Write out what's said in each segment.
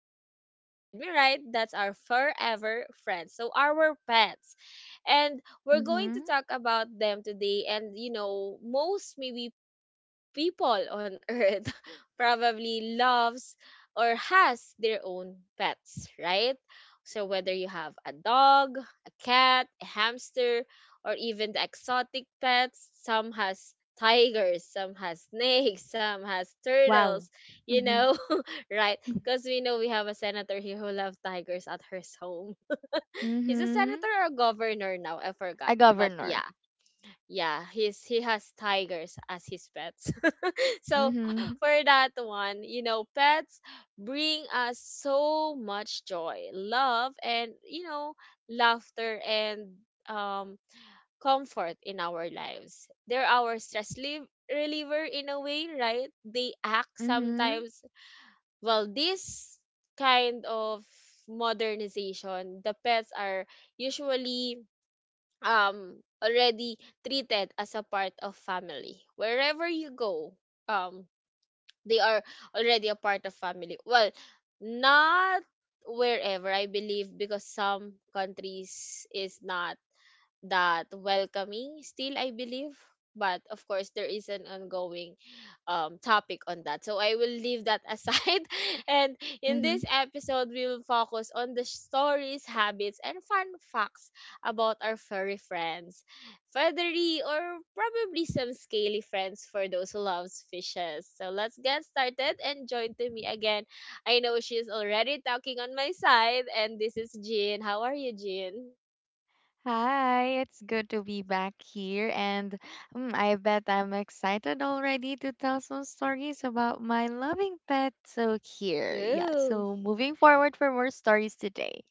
yep, you heard me right. That's our forever friends. So our pets, and we're going Mhm. to talk about them today. And you know, most maybe people on earth probably loves or has their own pets, right? So whether you have a dog, a cat, a hamster, or even the exotic pets, some has tigers, some has snakes, some has Wow. turtles, you Mhm. know, right? Because we know we have a senator here who loves tigers at her home. He's a Mhm. senator or a governor now, I A forgot. But governor. yeah, yeah, he has tigers as his pets. So Mhm. for that one, you know, pets bring us so much joy, love, and you know, laughter and um comfort in our lives. They're our reliever in a way, right? They act Mhm. sometimes. Well, this kind of modernization, the pets are usually already treated as a part of family wherever you go. um they are already a part of family. Well, not wherever, I believe, because some countries is not that welcoming still, I believe. But of course there is an ongoing topic on that, so I will leave that aside and in Mhm. this episode we will focus on the stories, habits, and fun facts about our furry friends, feathery, or probably some scaly friends for those who loves fishes. So let's get started and join to me again. I know she's already talking on my side, and this is Jean. How are you, Jean? Hi, it's good to be back here, and I bet I'm excited already to tell some stories about my loving pet. So here, yeah. True. So moving forward for more stories today,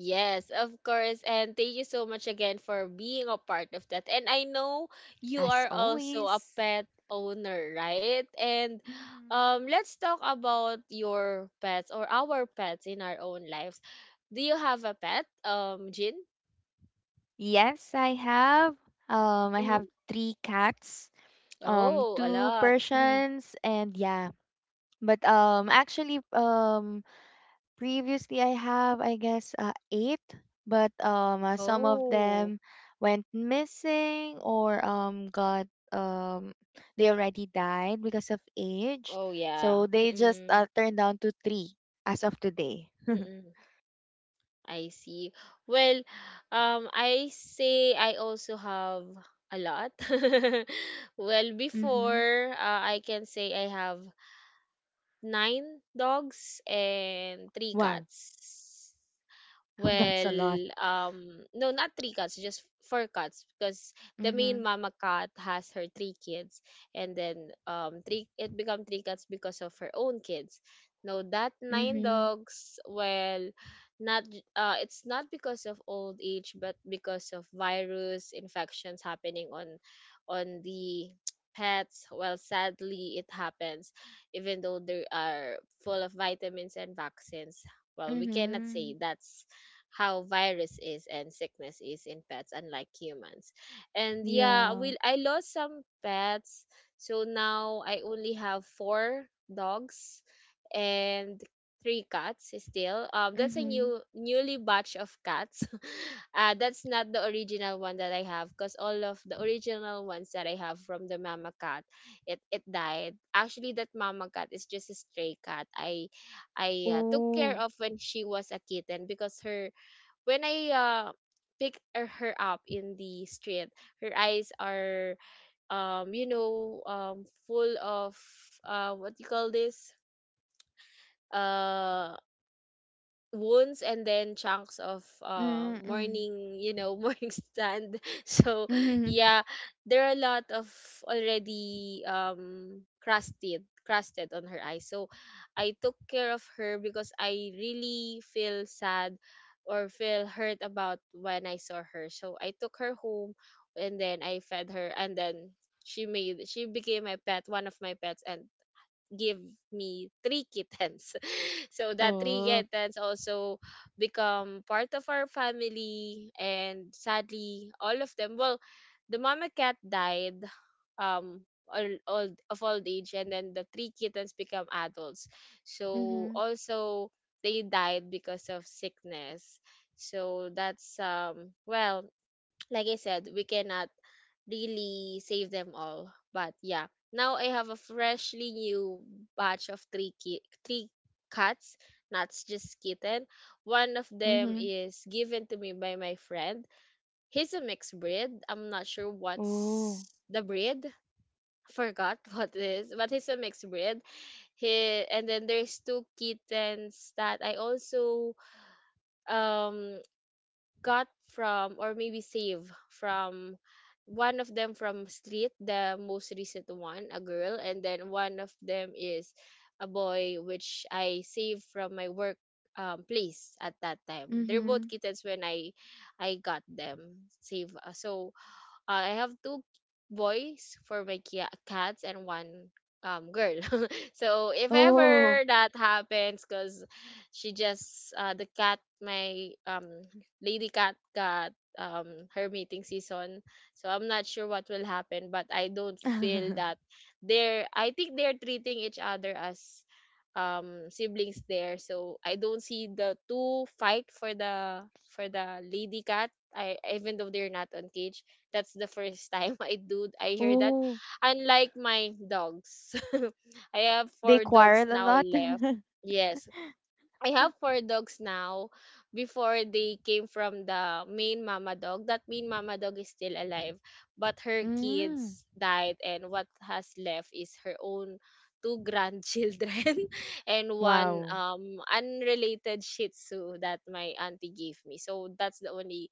Yes, of course. And thank you so much again for being a part of that. And I know you as are also a always. pet owner, right? And Mhm. Let's talk about your pets or our pets in our own lives. Do you have a pet? Jin? Yes, I have. I Hmm. have three cats, Oh, a two lot. Persians, and yeah, But actually previously I have, I guess, 8, but some of Oh. them went missing or got, they already died because of age. Oh yeah. So they just Mm-mm. Turned down to 3 as of today. Mm-mm. I see. Well, I say I also have a lot. Well, Mhm. before, I can say I have nine dogs and three Wow. cats. That's a lot. Well, no, not three cats, just four cats, because the main Mhm. mama cat has her three kids, and then three, it become three cats because of her own kids. No, that nine Mhm. dogs, well, not j- it's not because of old age, but because of virus infections happening on the pets. Well, sadly, it happens, even though they are full of vitamins and vaccines. Well, we cannot say Mhm. that's how virus is and sickness is in pets, unlike humans. And yeah, we Yeah. I lost some pets, so now I only have four dogs and three cats still. That's a Mhm. Newly batch of cats. Uh, that's not the original one that I have, because all of the original ones that I have from the mama cat, it died. Actually, that mama cat is just a stray cat. I Uh, took Ooh. care of when she was a kitten. Because her, when I uh, pick her up in the street, her eyes are you know, full of uh, what you call this, uh, wounds, and then chunks of Mm-mm. Mhm. morning, you know, morning stand. So yeah, there are a lot of already crusted on her eyes. So I took care of her because I really feel sad or feel hurt about when I saw her, so I took her home. And then I fed her, and then she became my pet, one of my pets, and give me three kittens. So that three Oh. kittens also become part of our family. And sadly, all of them, well, the mama cat died, um old of old age, and then the three kittens become adults, so Mhm. also they died because of sickness. So that's um, well, like I said, we cannot really save them all. But yeah, now I have a freshly new batch of three cats, not just kitten. One of them Mhm. is given to me by my friend. He's a mixed breed. I'm not sure what's Oh. the breed. Forgot what it is, but he's a mixed breed. He, and then there's two kittens that I also um got from, or maybe save from, one of them from street, the most recent one a girl, and then one of them is a boy which I saved from my work place. At that time they're both Mhm. kittens when I got them save uh. So I have two boys for my cats and one girl. So if Oh. ever that happens, cause she just uh, the cat, my um, lady cat got her mating season. So I'm not sure what will happen, but I don't feel that they're I think they're treating each other as siblings there. So I don't see the two fight for the lady cat, I even though they're not on cage. That's the first time I hear that. Oh, Unlike my dogs. I have they four dogs quarrel a now lot? left. Yes. I have four dogs now. Before, they came from the main mama dog. That main mama dog is still alive. But her Mm. kids died, and what has left is her own two grandchildren and one Wow. Unrelated shih tzu that my auntie gave me. So that's the only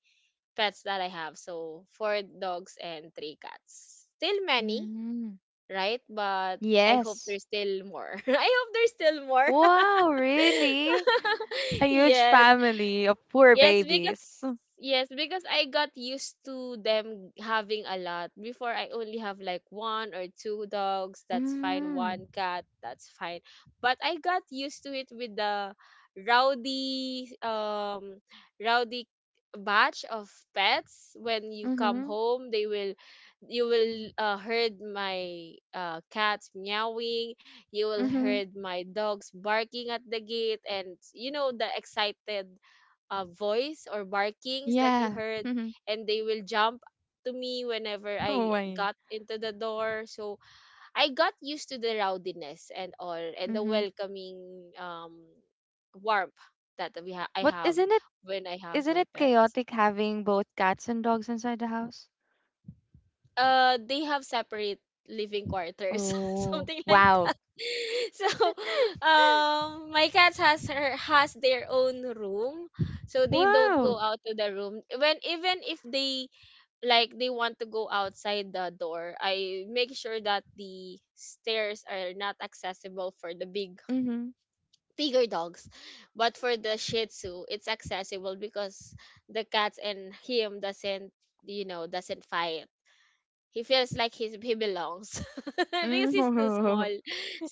pets that I have. So four dogs and three cats. Still many, Mm. right? But I hope Yes. there's still more. I hope there's still more. Wow, really? A huge Yes. family of poor Yes, because, babies. yes, because I got used to them having a lot. Before, I only have like one or two dogs, that's fine, Mm. one cat, that's fine. But I got used to it with the rowdy um rowdy batch of pets. When you come Mhm. home, they will, you will heard my cats meowing, you will Mhm. heard my dogs barking at the gate, and you know, the excited voice or barkings that you Yeah. heard, Mhm. and they will jump to me whenever Oh I my. got into the door. So I got used to the rowdiness and all, and the Mhm. welcoming warmth that I But have isn't it when I have isn't my it pets. chaotic having both cats and dogs inside the house? Uh, they have separate living quarters Oh, something like wow. that. So my cats has their own room, so they don't go Wow. out to the room. When, even if they like they want to go outside the door, I make sure that the stairs are not accessible for the Mhm. bigger dogs. But for the shih tzu it's accessible, because the cats and him doesn't, you know, doesn't fight. He feels like he belongs because he's too small. Mm.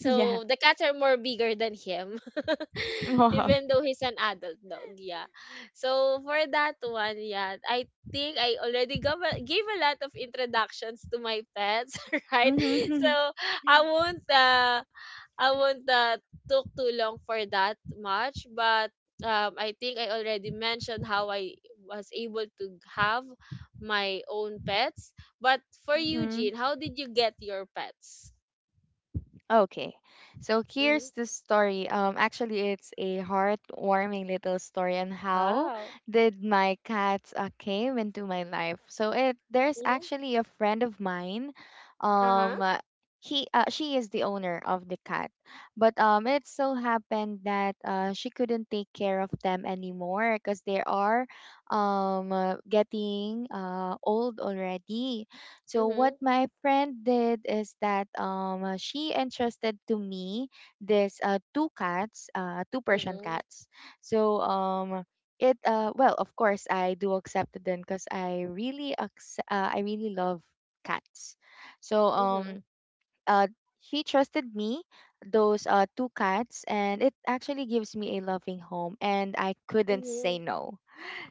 Yeah. the cats are more bigger than him, Wow. even though he's an adult dog. Yeah. So for that one, yeah, I think I already gave gave a lot of introductions to my pets, right? Mhm. So I won't uh, I won't took too long for that much. But I think I already mentioned how I was able to have my own pets. But for Mhm. you, Jean, how did you get your pets? Okay. So here's Mm-hmm. the story. Actually, it's a heartwarming little story on how Wow. did my cats came into my life. So it there's Mm-hmm. actually a friend of mine. Uh-huh. Um, uh, he She is the owner of the cat, but it so happened that she couldn't take care of them anymore because they are getting old already, so what Mm-hmm. my friend did is that she entrusted to me this two cats, two Persian Mm-hmm. cats. So it Well, of course I do accept them, because I really I really love cats. So Mm-hmm. um uh she trusted me those two cats, and it actually gives me a loving home and I couldn't say Mm-hmm. no.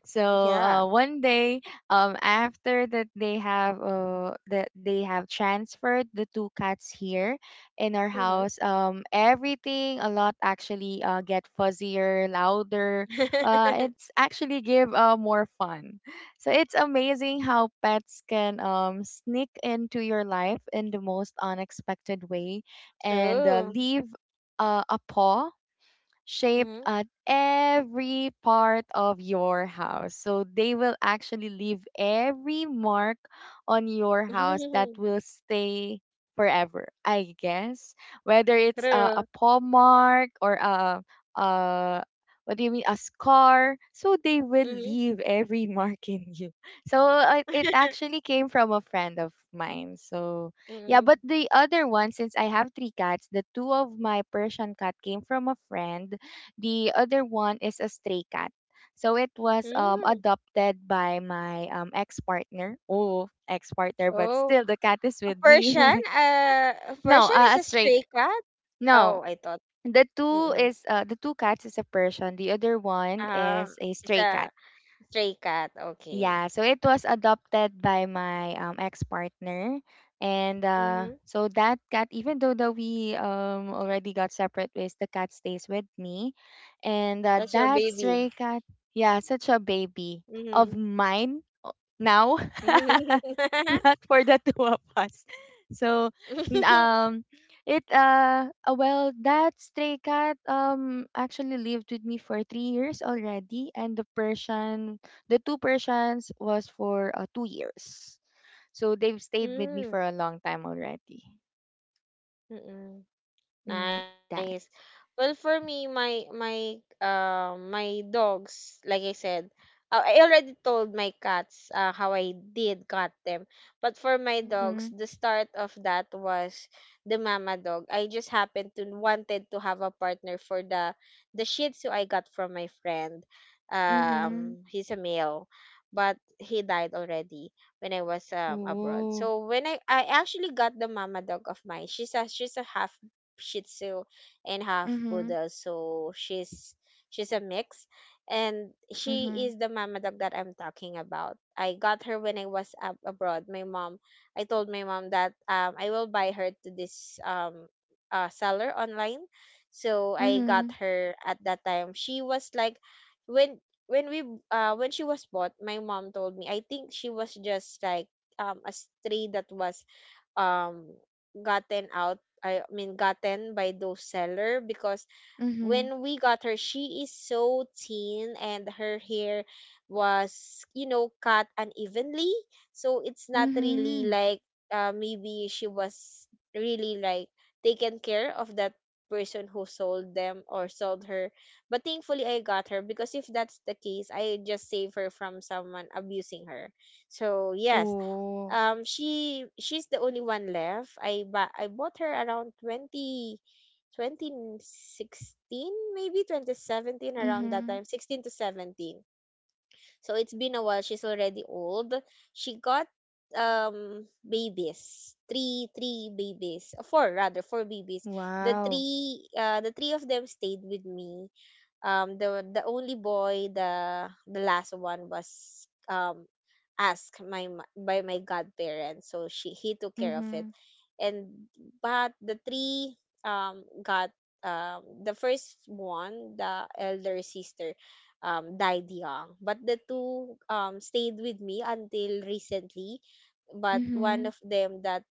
So Yeah. One day, after that they have transferred the two cats here in our Mm-hmm. house. Everything a lot actually get fuzzier, louder. It's actually give more fun. So it's amazing how pets can sneak into your life in the most unexpected way and True. leave a paw shaped Mm-hmm. at every part of your house. So they will actually leave every mark on your house that will stay forever, I guess. Whether it's a True. paw mark or a what do you mean a scar, so they will Mm-hmm. leave every mark in you. So it actually came from a friend of mine. So yeah, Mm-hmm. but the other one, since I have three cats, the two of my Persian cat came from a friend, the other one is a stray cat. So it was Mm-hmm. adopted by my ex partner. Oh, ex partner, but Oh. still the cat is A with Persian? me. A No, Persian is a a stray. stray cat? No, Oh, I thought. the two Mm-mm. cats is a Persian. The other one Ah, is a it's stray cat. a stray cat. Yeah, Okay. so it was adopted by my ex-partner, and Mm-hmm. So that cat, even though that we already got separate ways, the cat stays with me, and That's your that baby. stray cat, yeah, such a baby of Mm-hmm. mine now. Not for the two of us. So n- it well, that stray cat actually lived with me for 3 years already, and the two Persians was for 2 years, so they've stayed with me for Mm. a long time already. Mm-mm. Mm, Nice, that nice. Well, for me, my dogs, like I said, I already told my cats how I did got them. But for my mm-hmm dogs, the start of that was the mama dog. I just happened to wanted to have a partner for the Shih Tzu I got from my friend. mm-hmm. He's a male, but he died already when I was um, abroad. Ooh. So when I actually got the mama dog of mine, she's a half Shih Tzu and half Mm-hmm. Poodle. So she's a mix, and Mm-hmm. she is the mama dog that I'm talking about. I got her when I was ab- abroad. My mom, I told my mom that um, I will buy her to this um, uh, seller online. So I Mm-hmm. got her at that time. She was like, when when we when she was bought, my mom told me I think she was just like a stray that was um gotten out, I mean, gotten by those seller, because Mm-hmm. when we got her she is so thin and her hair was cut unevenly, so it's not really Mm-hmm. like, maybe she was really like taken care of that person who sold them or sold her. But thankfully I got her, because if that's the case, I just save her from someone abusing her. So yes, Ooh. She's the only one left. I bought her around twenty twenty sixteen, maybe 2017, around that Mm-hmm. time, 16 to 17. So it's been a while, she's already old. She got babies, three babies, four, rather, four babies. the Wow. three uh the three of them stayed with me. The only boy, the last one, was um asked by my godparents, so she he took care of it. Mhm. And but the three, got, the first one, the elder sister, died young. But the two stayed with me until recently. But one Mhm. of them that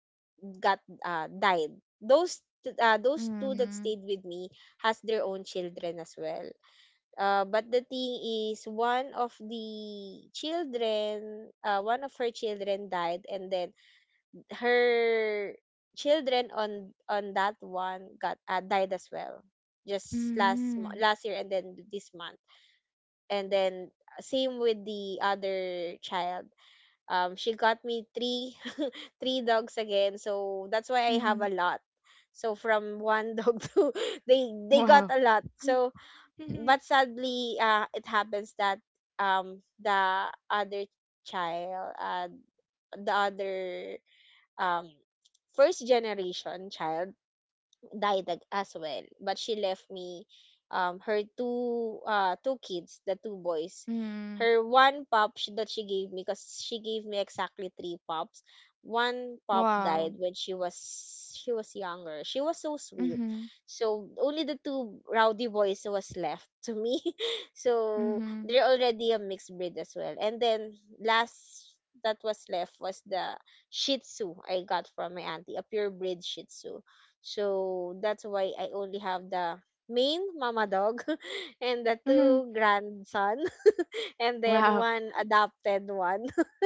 got, died. Those two that Mhm. stayed with me has their own children as well. Uh, But the thing is, one of the children, one of her children died, and then her children on that one got, died as well, just Mhm. last year and then this month. And then same with the other child. She got me three three dogs again, so that's why I have Mhm. a lot. So from one dog to, they got a lot. So Wow. Mhm. but sadly it happens that the other child, the other, um first generation child died as well. But she left me, her two, two kids, the two boys. Mhm. Her one pup that she gave me, cause she gave me exactly three pups. One pup Wow. died when she was younger. She was so sweet. Mhm. So only the two rowdy boys was left to me. So Mhm. they're already a mixed breed as well. And then last that was left was the Shih Tzu I got from my auntie, a pure breed Shih Tzu. So that's why I only have the main mama dog and the Mhm. two grandson, and then Wow. one adopted one.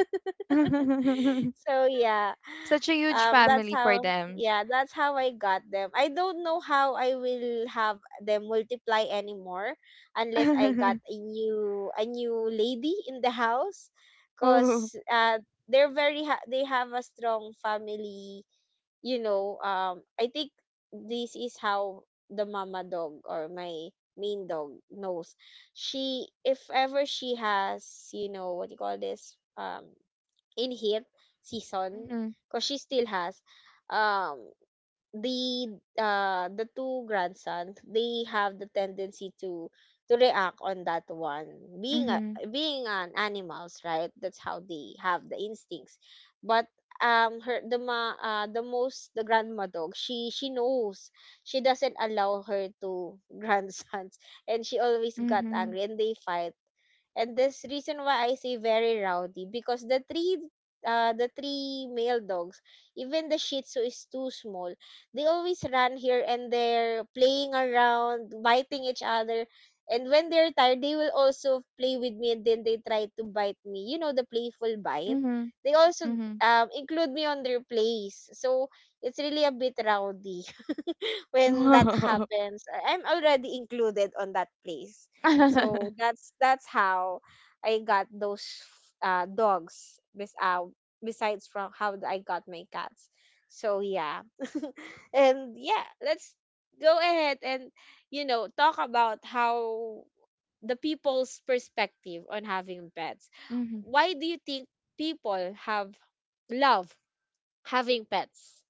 So yeah. Such a huge That's family for how them. yeah, that's how I got them. I don't know how I will have them multiply anymore, unless I got a new lady in the house, Oh. cuz they're very they have a strong family, I think this is how the mama dog, or my main dog, knows. She, if ever she has, you know, what do you call this, in heat season, Mhm. because she still has, um, the the two grandsons, they have the tendency to react on that one, being a, Mhm. being an animals, right, that's how they have the instincts. But her the ma the grandma dog, she knows, she doesn't allow her to grandsons, and she always got Mhm. angry and they fight. And this reason why I say very rowdy, because the three, the three male dogs, even the Shih Tzu, is too small. They always run here and there, playing around, biting each other. And when they're tired, they will also play with me, and then they try to bite me. You know, the playful bite. Mhm. They also Mhm. Include me on their plays. So it's really a bit rowdy when that Wow. happens. I'm already included on that place. So that's how I got those, dogs. Besides from how I got my cats. So yeah, and yeah, let's go ahead and talk about how the people's perspective on having pets. Mhm. Why do you think people have love having pets?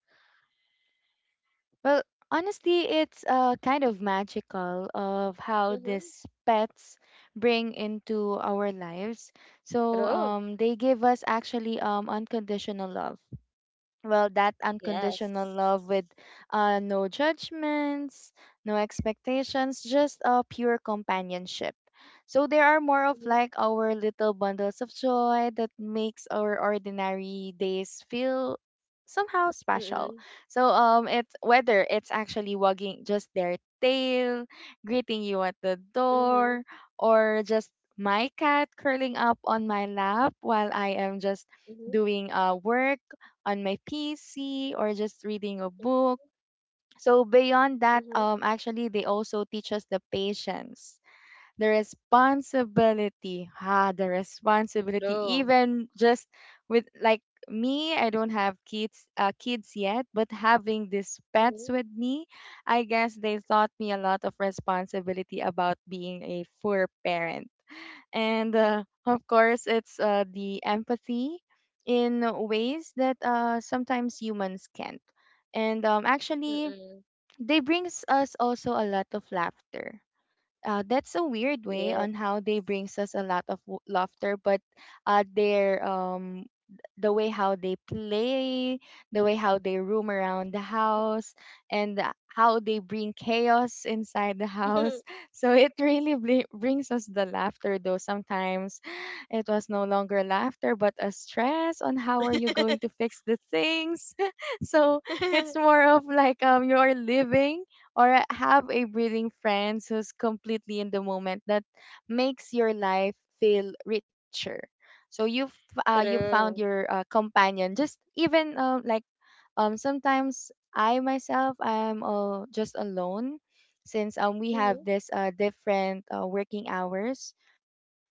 Well, honestly, it's kind of magical of how Mm-hmm. these pets bring into our lives. So True. They give us actually unconditional love, well, that unconditional Yes. love with no judgments, no expectations, just a pure companionship. So there are more of Mm-hmm. like our little bundles of joy that makes our ordinary days feel somehow Mm-hmm. special. So um, it's whether it's actually wagging just their tail greeting you at the Mm-hmm. door, or just my cat curling up on my lap while I am just doing work on my PC or just reading a book. So beyond Mm-hmm. that, actually they also teach us the patience, the responsibility, True. even just with like me. I don't have kids yet, but having these pets with me, I guess they taught me a lot of responsibility about being a poor parent, and of course it's the empathy in ways that sometimes humans can't. And actually Mm. they brings us also a lot of laughter, that's a weird Yeah. way on how they brings us a lot of laughter, but their the way how they play, the way how they roam around the house, and how they bring chaos inside the house. So it really brings us the laughter, though sometimes it was no longer laughter, but a stress on how are you going to fix the things. So it's more of like um, you're living, or I have a breathing friend who's completely in the moment that makes your life feel richer. So you found True. your companion. Just even like um, sometimes I myself I'm just alone, since um, we have Mhm. this different working hours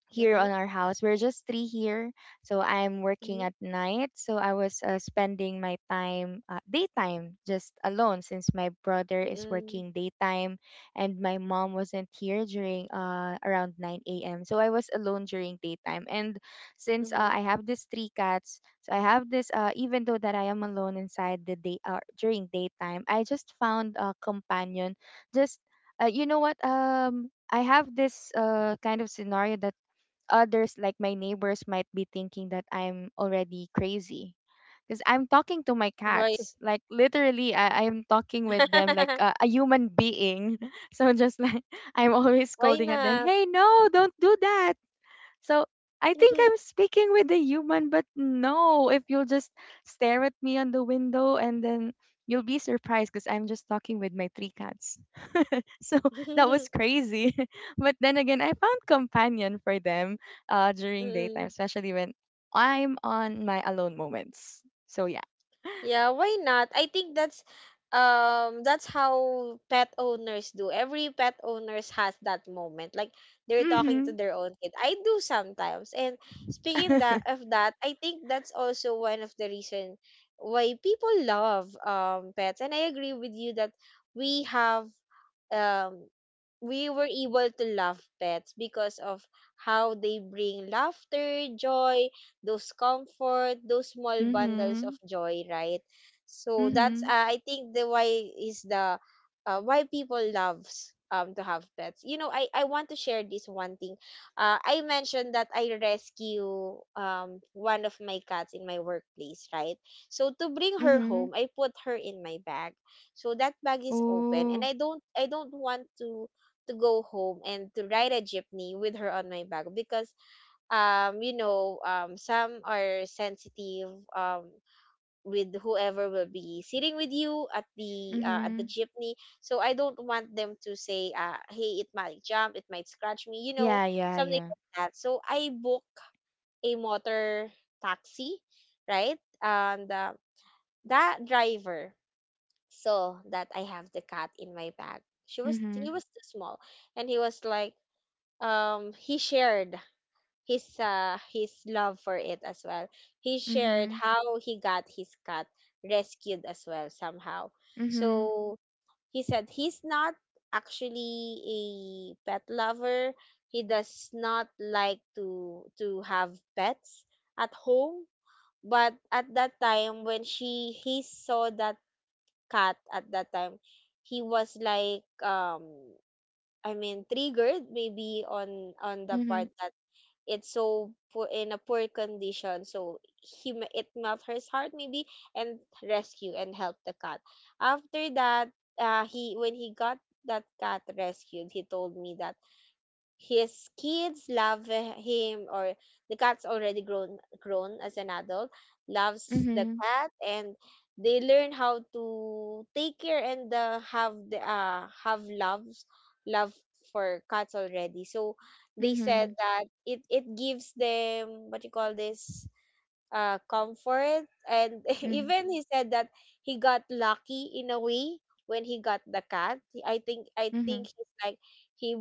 here on Mhm. our house. We're just three here, so I'm working Mhm. at night. So I was spending my time, daytime, just alone, since my brother is Mm. working daytime, and my mom wasn't here during around 9 a.m. So I was alone during daytime, and since I Mhm. have these three cats, so I have this uh, even though that I am alone inside the day or during daytime, I just found a companion. Just you know what um, I have this kind of scenario that others, like my neighbors, might be thinking that I'm already crazy. Because I'm talking to my Why? cats. Like, literally, I'm talking with them like a human being. So, just like, I'm Why always scolding at not? them, hey, no, don't do that. So I think I'm speaking with a human, but no, if you'll just stare at me on the window and then you'll be surprised because I'm just talking with my three cats. So that was crazy. But then again, I found companion for them during daytime, Mm. especially when I'm on my alone moments. So yeah. Yeah, why not? I think that's how pet owners do. Every pet owners has that moment. Like they're talking Mm-hmm. to their own kid. I do sometimes. And speaking that of that, I think that's also one of the reason why people love pets. And I agree with you that we have um we were able to love pets because of how they bring laughter, joy, those comfort, those small bundles Mm-hmm. of joy, right? So that's, Mm-hmm. I think the why is the, why people loves to have pets. You know, I want to share this one thing. I mentioned that I rescue one of my cats in my workplace, right? So to bring her Mm-hmm. home, I put her in my bag, so that bag is open, and Ooh. I don't want to go home and to ride a jeepney with her on my back, because some are sensitive um with whoever will be sitting with you at the, at the Mm-hmm. jeepney. So I don't want them to say, hey, it might jump, it might scratch me, Yeah, yeah, yeah. something like that. So I book a motor taxi, right, and that driver saw that I have the cat in my bag. She was Mm-hmm. He was too small, and he was like, he shared his love for it as well. He shared Mm-hmm. how he got his cat rescued as well, somehow. Mm-hmm. So he said he's not actually a pet lover, he does not like to have pets at home. But at that time when she he saw that cat at that time, he was like, I mean, triggered maybe on the Mm-hmm. part that it's so poor, in a poor condition, so he it melt his heart maybe, and rescue and help the cat. After that, he, when he got that cat rescued, he told me that his kids love, him, or the cat's already grown as an adult, loves the Mhm. cat, and they learn how to take care, and have the, have love for cats already. So they Mhm. said that it gives them, what you call this, comfort, and Mhm. even he said that he got lucky in a way when he got the cat. i think i Mhm. think he's like, he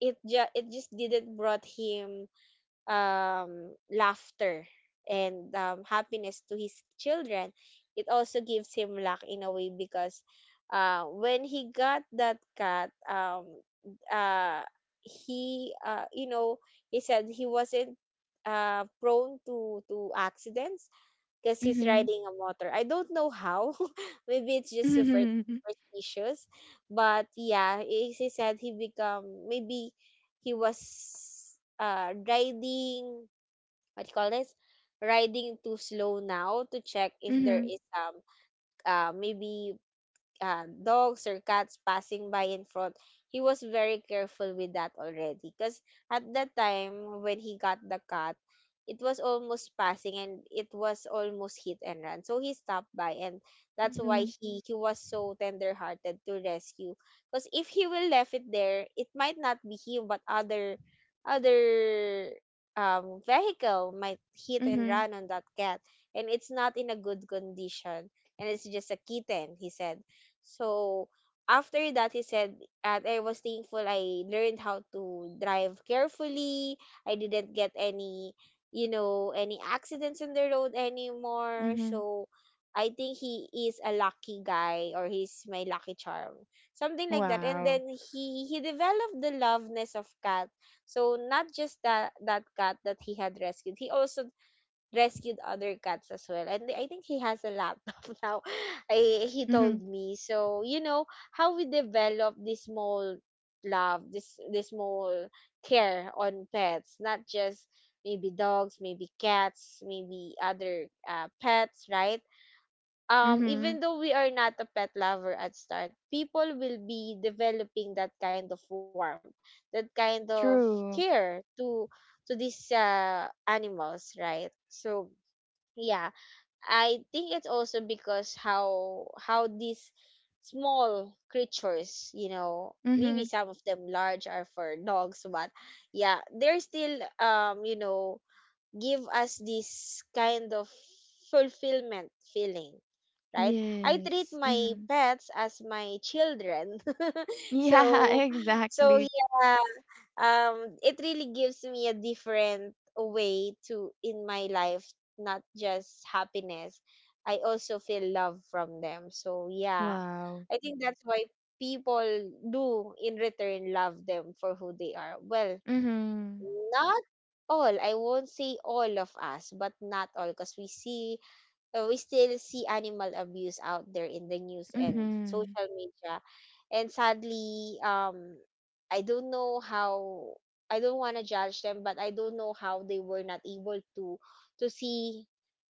it just didn't brought him laughter, and happiness to his children. It also gives him luck in a way, because when he got that cat, uh he you know he said he wasn't prone to accidents, because Mhm. he's Mhm. riding a motor. I don't know how. Maybe it's just super superstitious. But yeah, he said he become maybe he was riding, what do you call this? Riding too slow now to check if there Mhm. is maybe, dogs or cats passing by in front. He was very careful with that already. Because at that time, when he got the cat, it was almost passing and it was almost hit and run. So he stopped by, and that's why Mhm. He was so tender hearted to rescue. Because if he will left it there, it might not be him, but other other vehicle might hit Mhm. and Mhm. run on that cat, and it's not in a good condition, and it's just a kitten, he said. So after that, he said that I was thankful I learned how to drive carefully. I didn't get any, any accidents on the road anymore. So I think he is a lucky guy, or he's my lucky charm. Something like that. And Wow. then he developed the loveness of cat. So not just that cat that he had rescued, he also rescued other cats as well. And I think he has a laptop now. He Mhm. told me. So, you know, how we develop this small love, this small care on pets, not just maybe dogs, maybe cats, maybe other, pets, right? Mhm. Even though we are not a pet lover at start, people will be developing that kind of warmth, that kind of True. care to these, animals, right? So yeah i think it's also because how these small creatures, maybe Mhm. some of them large are for dogs, but yeah, they're still, give us this kind of fulfillment feeling, right? I treat Yes. my Mhm. pets as my children, Yeah, so so exactly. yeah it really gives me a different way to in my life, not just happiness. I also feel love from them, so yeah, Wow. I think that's why people do in return love them for who they are. Well, Mhm. not all, I won't say all of us, but not all, because we see, we still see animal abuse out there in the news and Mhm. social media. And sadly, I don't know how. I don't want to judge them, but I don't know how they were not able to see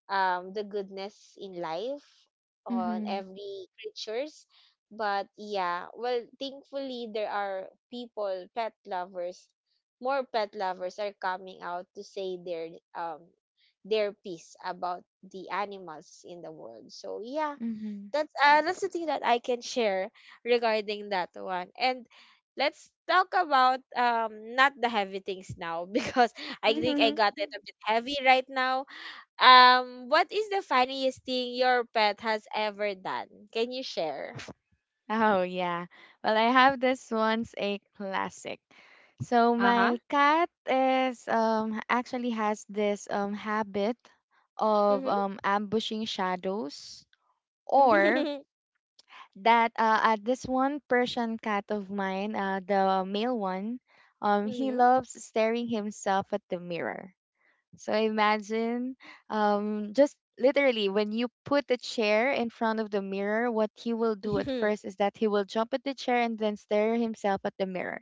the goodness in life on Mhm. every creatures. But yeah, well, thankfully there are people, pet lovers. More pet lovers are coming out to say their, um their piece about the animals in the world. So yeah, Mhm. that's a recipe that I can share regarding that one. And let's talk about, not the heavy things now, because I think I Mhm. got it a bit heavy right now. What is the funniest thing your pet has ever done? Can you share? Oh, yeah. Well, I have this one's a classic. So Uh huh. my cat is um, actually has this um, habit of Mhm. um, ambushing shadows, or that this one Persian cat of mine, the male one, um, he Mhm. loves staring himself at the mirror. So imagine just literally when you put the chair in front of the mirror, what he will do at Mhm. first is that he will jump at the chair and then stare himself at the mirror.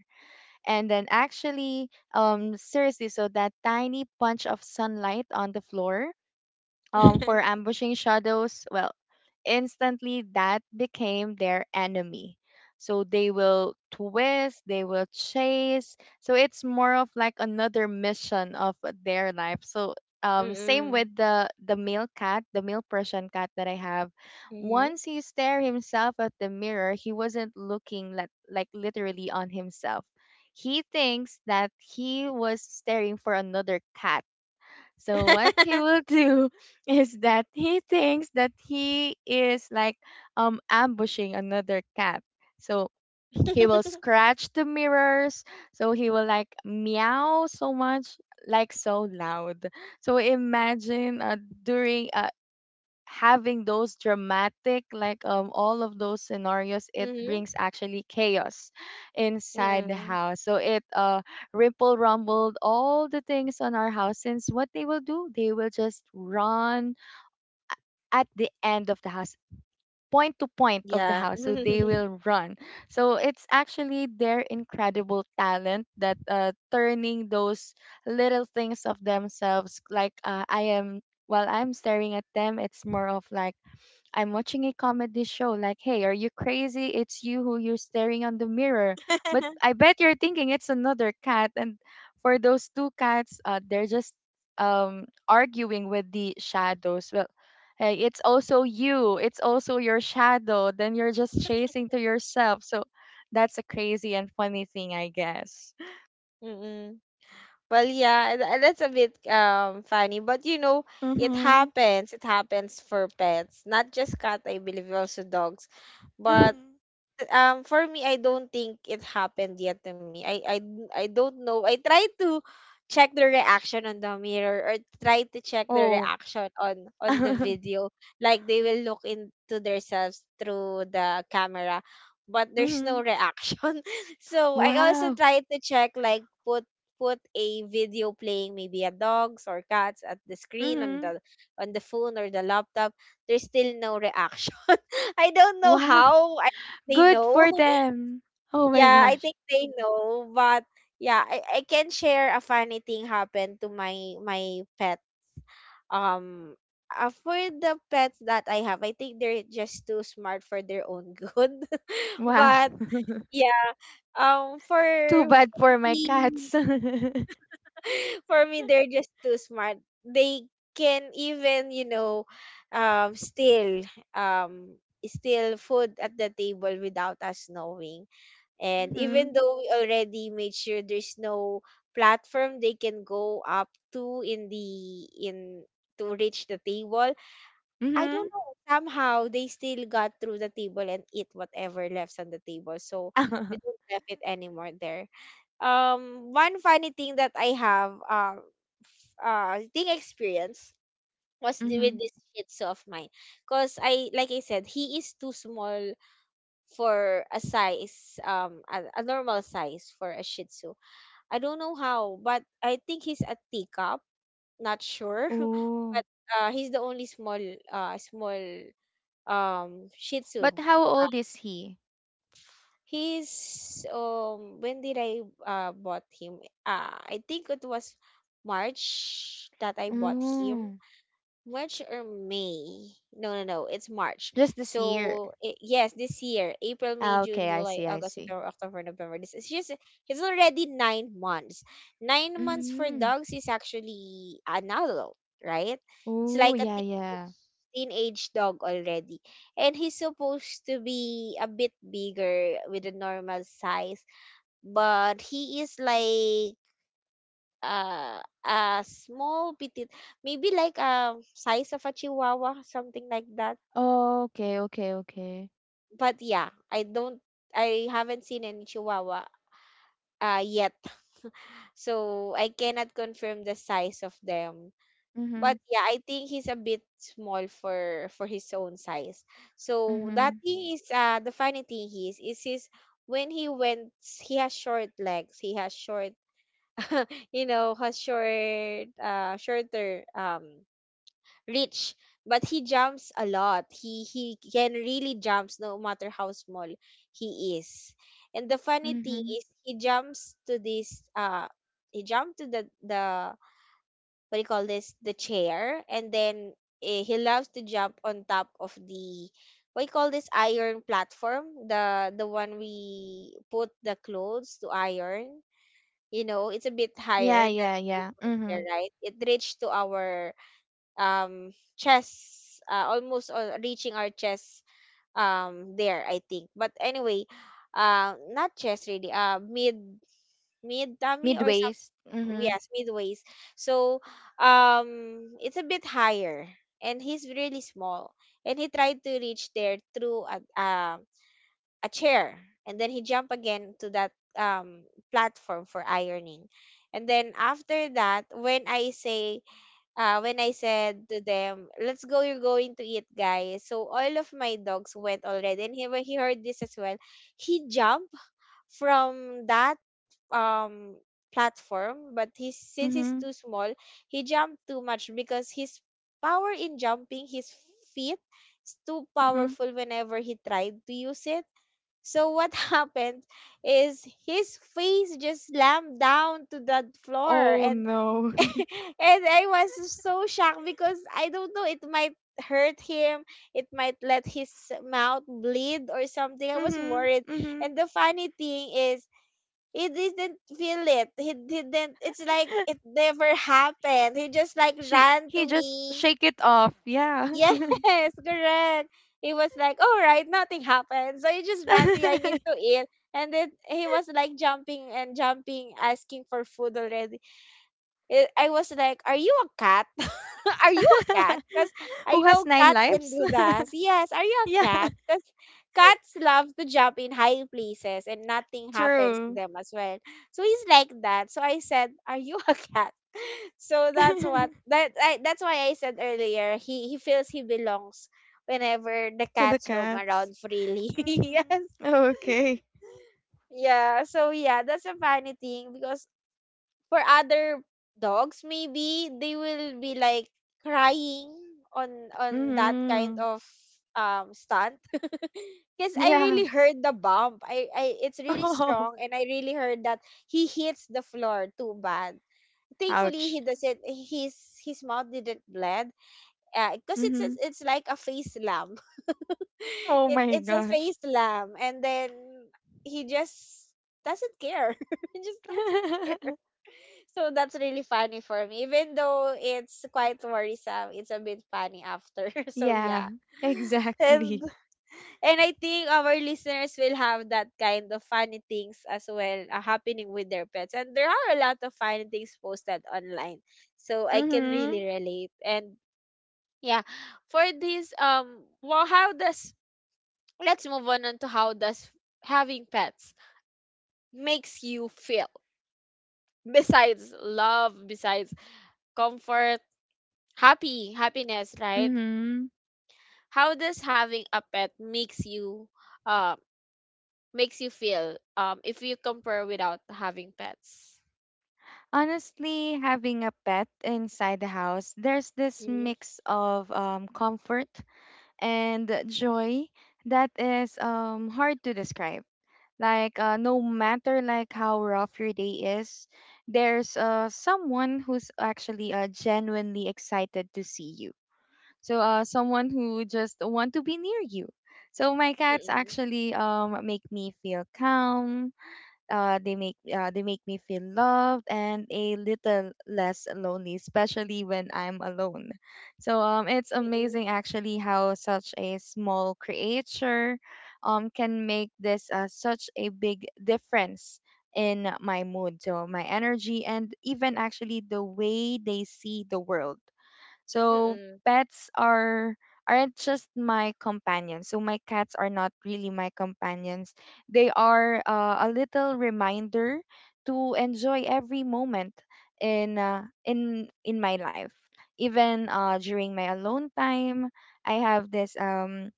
And then actually, seriously, so that tiny punch of sunlight on the floor for ambushing shadows, well, instantly that became their enemy. So they will twist, they will chase. So it's more of like another mission of their life. So same Mhm. with the male cat, the male Persian cat that I have. Mhm. Once he stared himself at the mirror, he wasn't looking like literally on himself. He thinks that he was staring for another cat, so what he Mhm. will do is that he thinks that he is like um, ambushing another cat. So he will scratch the mirrors. So he will like meow so much, like so loud. So imagine during having those dramatic like um, all of those scenarios, it Mhm. brings actually chaos inside the Mhm. house. So it ripple rumbled all the things on our house, since what they will do, they will just run at the end of the house, point to point of the Yeah. house, so they will run. So it's actually their incredible talent that turning those little things of themselves, like I am, while I'm staring at them, it's more of like I'm watching a comedy show. Like, hey, are you crazy? It's you who you're staring on the mirror. But I bet you're thinking it's another cat. And for those two cats, they're just arguing with the shadows. Well, hey, it's also you. It's also your shadow. Then you're just chasing to yourself. So that's a crazy and funny thing, I guess. Mhm. Well, yeah, that's a bit funny, but you know, it Mm-hmm. happens. It happens for pets, not just cat. I believe also dogs, Mm-hmm. but for me, I don't think it happened yet to me. I don't know. I try to check the reaction on the mirror, or try to check the Oh. reaction on the video. Like they will look into themselves through the camera, but there's Mm-hmm. no reaction. So I also Wow. try to check, like, put a video playing maybe a dogs or cats at the screen Mm-hmm. On the phone or the laptop. There's still no reaction. I don't know Wow. how. I They Good know. for them. Oh my Yeah, I gosh. think they know, but yeah, I can share a funny thing happened to my pet. Um, for the pets that I have, I think they're just too smart for their own good. Wow. But yeah, for Too bad for for my cats. me, Mhm. for me, they're just too smart. They can even, you know, steal um steal food at the table without us knowing. And even though we already made sure there's no platform they can go up to in the in to reach the table, I don't Mhm. know. Somehow they still got through the table and eat whatever left on the table. So we don't left it anymore there. One funny thing that I have f- thing experience was with Mhm. this shih tzu of mine, cause I, like I said, he is too small for a size, a normal size for a Shih Tzu. I don't know how, but I think he's a teacup. Not sure, Oh. but he's the only small, uh, small Shih Tzu. But how old is he? He's, when did I bought him? I think it was March that I bought him. Oh. March or May? No. It's March. Just this year. So I yes, this year, April, May, Ah, okay, June, I July, see, I August, see. September, October, November. This is just it's already 9 months. 9 months for Mhm. dogs is actually an adult, right? It's Oh, like a yeah, teen, yeah. teenage dog already, and he's supposed to be a bit bigger with a normal size, but he is like, uh, a small petite, maybe like, size of a chihuahua, something like that. Oh, okay, okay, okay. But yeah, I haven't seen any chihuahua yet, so I cannot confirm the size of them. But Mhm. yeah, I think he's a bit small for his own size. So that Mhm. thing is, the funny thing is his, when he went, he has short legs, he has short you know, has short, shorter, Rich, but he jumps a lot. He can really jumps no matter how small he is. And the funny thing Mhm. is he jumps to this, he jumped to the what do you call this, the chair, and then, he loves to jump on top of the, what do you call this, iron platform, the one we put the clothes to iron. You know, it's a bit Yeah, higher than yeah, the yeah. usual chair, Mhm. right? It reached to our, chest, almost, reaching our chest, there, I think. But anyway, not chest really. Mid, tummy or some, Midways. Mhm. yes, midways. So, it's a bit higher, and he's really small, and he tried to reach there through a, a chair, and then he jumped again to that, um platform for ironing. And then after that, when I say, when I said to them, let's go, you're going to eat, guys. So all of my dogs went already. And he, when he heard this as well, he jumped from that, um platform, but he's, since Mhm. he's too small, he jumped too much because his power in jumping, his feet is too Mhm. powerful whenever he tried to use it. So what happened is his face just slammed down to the floor. Oh and no. and I was so shocked because I don't know, it might hurt him, it might let his mouth bleed or something. I was Mhm. worried. Mhm. And the funny thing is he didn't feel it. He didn't It's like it never happened. He just like She ran to he just me. shake it off. Yeah. Yes. Correct. He was like, all right, nothing happened, so he just ran to you, I need to eat. And then he was like jumping and jumping, asking for food already. I was like, "Are you a cat? Are you a cat?" Because I Who has know nine cat can lives? do that. Yes, are you a Yeah, cat? Because cats love to jump in high places and nothing happens to true. them as well. So he's like that. So I said, "Are you a cat?" To So that's that's why I said earlier. He feels he belongs whenever the the cats roam cats. around freely. Mm-hmm. Yes. Okay. Yeah, so yeah, that's a funny thing because for other dogs, maybe they will be like crying on that kind Mm-hmm. of, stunt, because I Yeah. really heard the bump. I it's really Oh, strong, and I really heard that he hits the floor too bad. Thankfully ouch. he doesn't his mouth didn't bleed. Cause Mm-hmm. It's like a face lamb. Oh It my it's a gosh. face lamb, and then he just doesn't care. he just doesn't So that's really funny for me. Even though it's quite worrisome, it's a bit funny after. So Yeah, yeah. And exactly. and I think our listeners will have that kind of funny things as well, happening with their pets. And there are a lot of funny things posted online. So I can Mm-hmm. really relate. And yeah, for this, well, how does let's move on, to how does having pets makes you feel, besides love, besides comfort, happy happiness, right? Mm-hmm. How does having a pet makes you, uh, makes you feel, if you compare without having pets? Honestly, having a pet inside the house, there's this Mm. mix of comfort and joy that is hard to describe. Like no matter like how rough your day is, there's someone who's actually genuinely excited to see you. So someone who just want to be near you. So my cats Mm-mm. actually make me feel calm, they make me feel loved and a little less lonely, especially when I'm alone. So it's Mm-mm. amazing actually how such a small creature can make this such a big difference in my mood, so my energy, and even actually the way they see the world. So Mm-mm. pets are aren't just my companions. So my cats are not really my companions. They are a little reminder to enjoy every moment in my life. Even during my alone time, I have this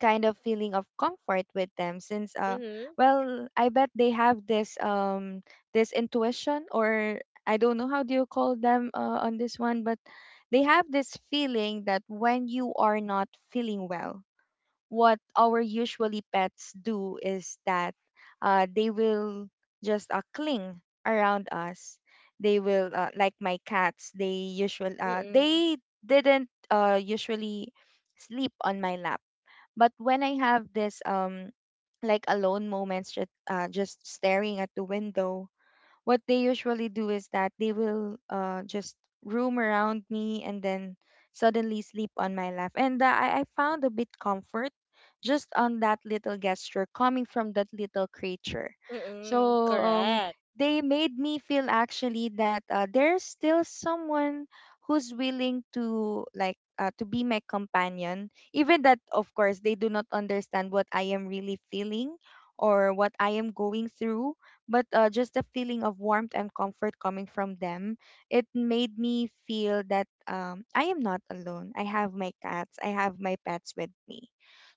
kind of feeling of comfort with them since Mm-hmm. well, I bet they have this this intuition or I don't know how do you call them on this one, but they have this feeling that when you are not feeling well, what our usually pets do is that they will just cling around us. They will like my cats, they usually Mm-mm. they didn't usually sleep on my lap, but when I have this like alone moments just staring at the window, what they usually do is that they will just roam around me and then suddenly sleep on my lap. And I found a bit comfort just on that little gesture coming from that little creature. So Mm-mm, correct. they made me feel actually that there's still someone who's willing to like to be my companion, even that of course they do not understand what I am really feeling or what I am going through, but just the feeling of warmth and comfort coming from them, it made me feel that I am not alone, I have my cats, I have my pets with me.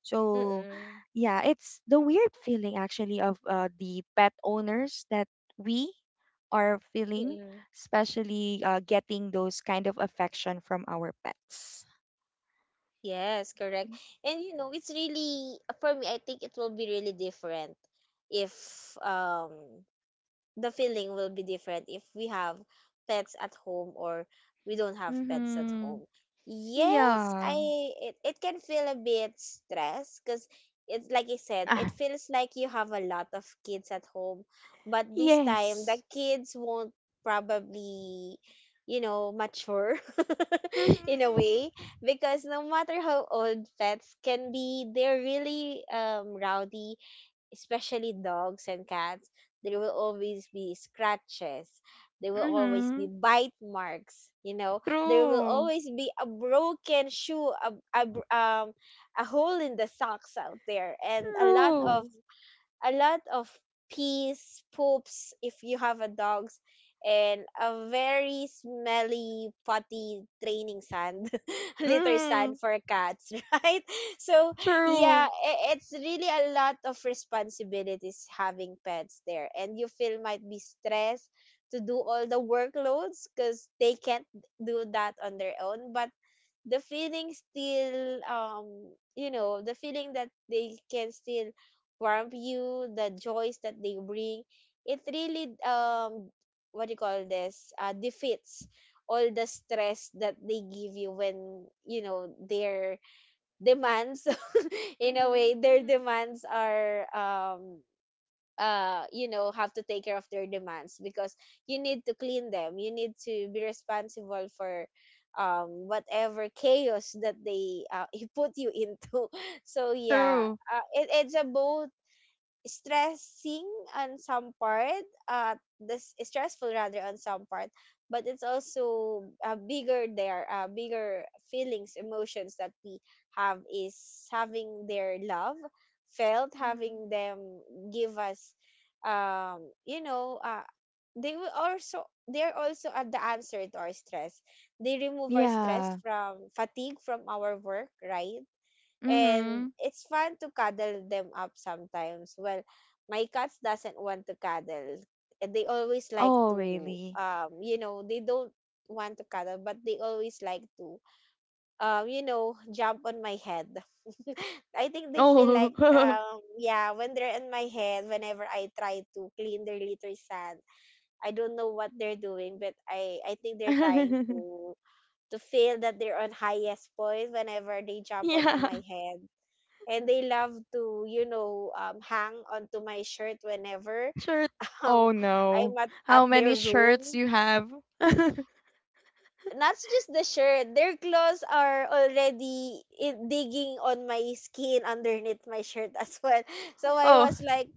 So Mm-mm. yeah, it's the weird feeling actually of the pet owners that we are feeling, Mm-mm. especially getting those kind of affection from our pets. Yes, correct. And you know, it's really, for me, I think it will be really different if, um the feeling will be different if we have pets at home or we don't have pets at Mm-hmm. home. Yes, Yeah. I It, it can feel a bit stress, because it's like I said, Ah, it feels like you have a lot of kids at home, but this time the yes. kids won't probably, you know, mature in a Mm-hmm, way, because no matter how old pets can be, they're really, rowdy, especially dogs and cats. There will always be scratches. There will always mm-hmm. be bite marks. You know, there will True. always be a broken shoe, a a hole in the socks out there, and a lot of, True. a lot of pees, poops if you have a dogs, and a very smelly potty draining sand, litter Mm, sand for cats, right? So yeah, true. It's really a lot of responsibilities having pets there, and you feel might be stressed to do all the workloads because they can't do that on their own, but the feeling still, you know, the feeling that they can still warm you, the joys that they bring, it really, what do you call this, defeats all the stress that they give you when, you know, their demands, in a way Mhm. their Mhm. demands are, you know, have to take care of their demands, because you need to clean them, you need to be responsible for, whatever chaos that they, put you into. So yeah, True. It's a both stressing on some part, this stressful rather on some part, but it's also, bigger there, bigger feelings, emotions that we have is having their love felt, having Mhm. them give us, you know, they're also at the answer to our stress. They remove our stress Yeah. from fatigue from our work, right? And Hmm. it's fun to cuddle them up sometimes. Well, my cats doesn't want to cuddle. They always like Oh, to really? They don't want to cuddle, but they always like to jump on my head. I think they feel like Oh. Yeah, when they're on my head whenever I try to clean their litter sand. I don't know what they're doing, but I think they're trying to feel that they're on highest point whenever they jump onto Yeah. my head. And they love to hang onto my shirt whenever. Shirt. um, Oh I'm no. At How their many room. shirts you have? Not just the shirt, their claws are already digging on my skin underneath my shirt as well. So I Oh. was like,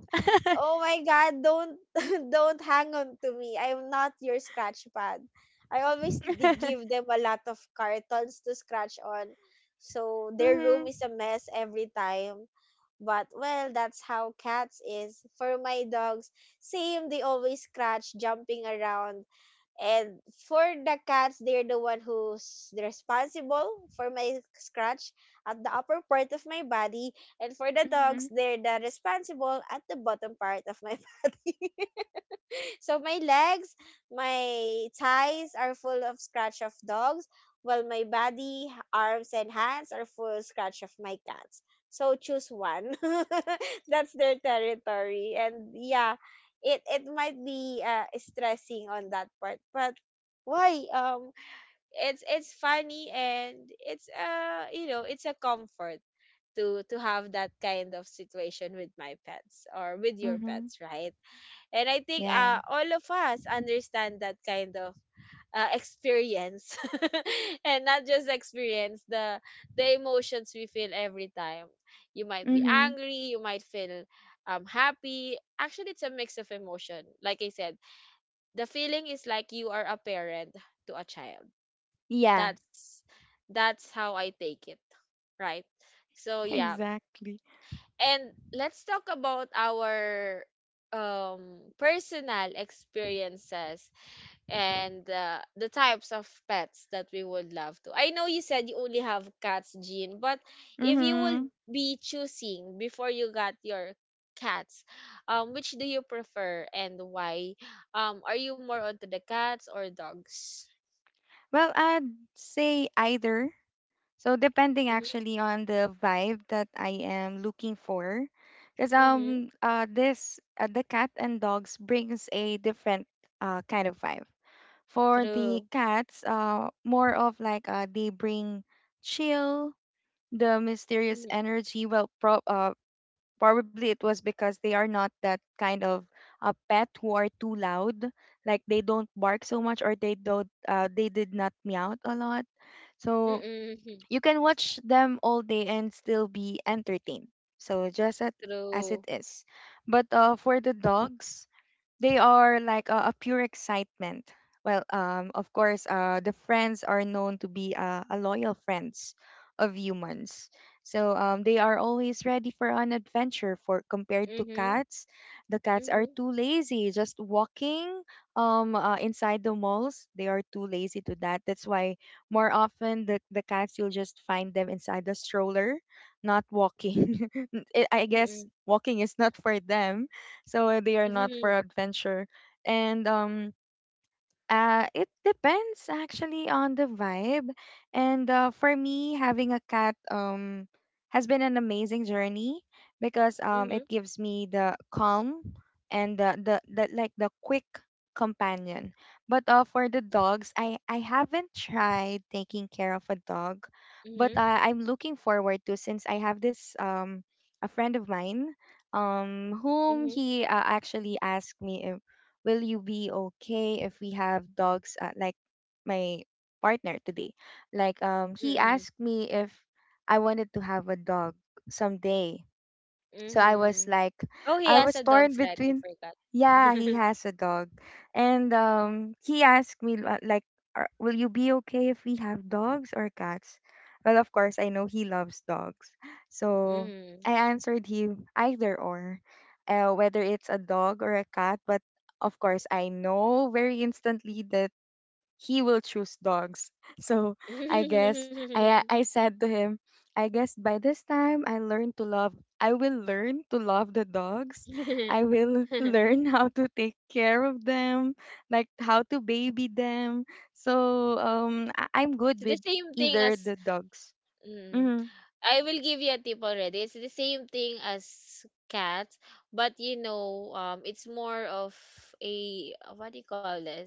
oh my god, don't, don't hang on to me. I'm not your scratch pad. I always give them a lot of cartons to scratch on. So their room Hmm. is a mess every time. But, well, that's how cats is. For my dogs, same, they always scratch jumping around. And for the cats, they're the one who's responsible for my scratch at the upper part of my body. And for the dogs, Hmm. they're the responsible at the bottom part of my body. So my legs, my thighs are full of scratch of dogs, while my body, arms, and hands are full scratch of my cats. So choose one. That's their territory, and yeah, it might be, stressing on that part, but why? It's funny, and it's it's a comfort to have that kind of situation with my pets or with your Mm-hmm. pets, right? And I think, Yeah. All of us understand that kind of, experience. And not just experience the emotions we feel every time. You might be Hmm. angry, you might feel happy. Actually, it's a mix of emotion, like I said. The feeling is like you are a parent to a child. Yeah. that's that's how I take it, right? So yeah. Exactly. And let's talk about our personal experiences and, the types of pets that we would love to. I know you said you only have cats, Jean, but if you would Hmm. be choosing before you got your cats, which do you prefer and why? Are you more onto the cats or dogs? Well, I'd say either. So depending Mm-hmm. actually on the vibe that I am looking for, because Mm-hmm. This the cat and dogs brings a different kind of vibe. For True. the cats, more of like they bring chill, the mysterious energy. Well, probably it was because they are not that kind of pet who are too loud. Like they don't bark so much or they don't they did not meow a lot. So Mm-hmm. you can watch them all day and still be entertained. So just at, as True. it is. But for the dogs, they are like a pure excitement. Well, of course, the friends are known to be a loyal friends of humans. So they are always ready for an adventure. For compared to Mm-hmm. cats, the cats are Mm-hmm. too lazy, just walking inside the malls. They are too lazy to that. That's why more often the cats you'll just find them inside the stroller, not walking. I guess walking is not for them so eh, they are not Mm-hmm. for adventure. And it depends actually on the vibe. And for me, having a cat has been an amazing journey because Mm-hmm. it gives me the calm and the like the quick companion. But for the dogs, I haven't tried taking care of a dog, but Mhm. I'm looking forward to since I have this a friend of mine whom Mhm. he actually asked me if will you be okay if we have dogs like my partner today, like he Mm. asked me if I wanted to have a dog someday. So I was Mhm. like, Oh, he I has was a torn dog's right. I between, forgot. yeah, he has a dog. And he asked me, like, "Are- will you be okay if we have dogs or cats? Well, of course, I know he loves dogs. So Mhm. I answered him either or, whether it's a dog or a cat. But of course, I know very instantly that he will choose dogs. So I guess It's I said to him, I guess by this time I learned to love I will learn to love the dogs. I will learn how to take care of them, like how to baby them. So I'm good the with same thing either as. the dogs. Mm, Mm-hmm. I will give you a tip already. It's the same thing as cats, but it's more of a, what do you call this?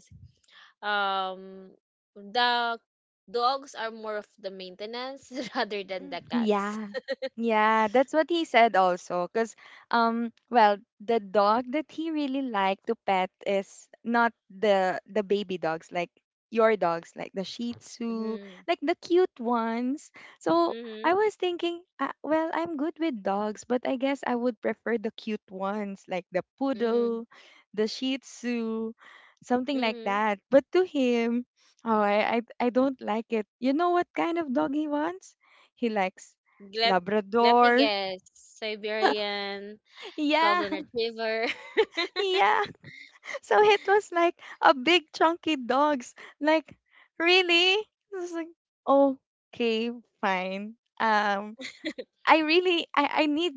Um the dogs are more of the maintenance rather Mm, than the cats. yeah. Yeah, that's what he said also. Because, well, the dog that he really liked to pet is not the the baby dogs, like your dogs, like the Shih Tzu, Mm-hmm. like the cute ones. So I Mm-hmm. was thinking, well, I'm good with dogs, but I guess I would prefer the cute ones, like the poodle, the Shih Tzu, something like Mm-hmm. that. But to him, oh, I don't like it. You know what kind of dog he wants? He likes Let Let me Labrador. guess. Siberian, Yeah, golden retriever. yeah. So it was like a big chunky dogs. Like, really? I was like, okay, fine. Um, I really, I need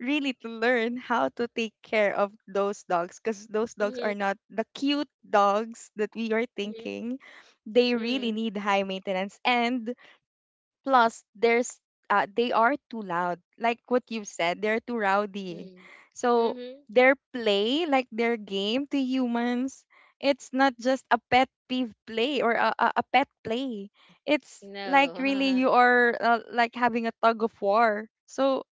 really to learn how to take care of those dogs because those dogs Mhm, are not the cute dogs that we are mhm, thinking. They really mm, need high maintenance and plus there's they are too loud like what you said, they're too rowdy. mm, So mhm. their play, like their game to humans, it's not just a pet peeve play or a pet play. It's like No. really you are like having a tug of war. So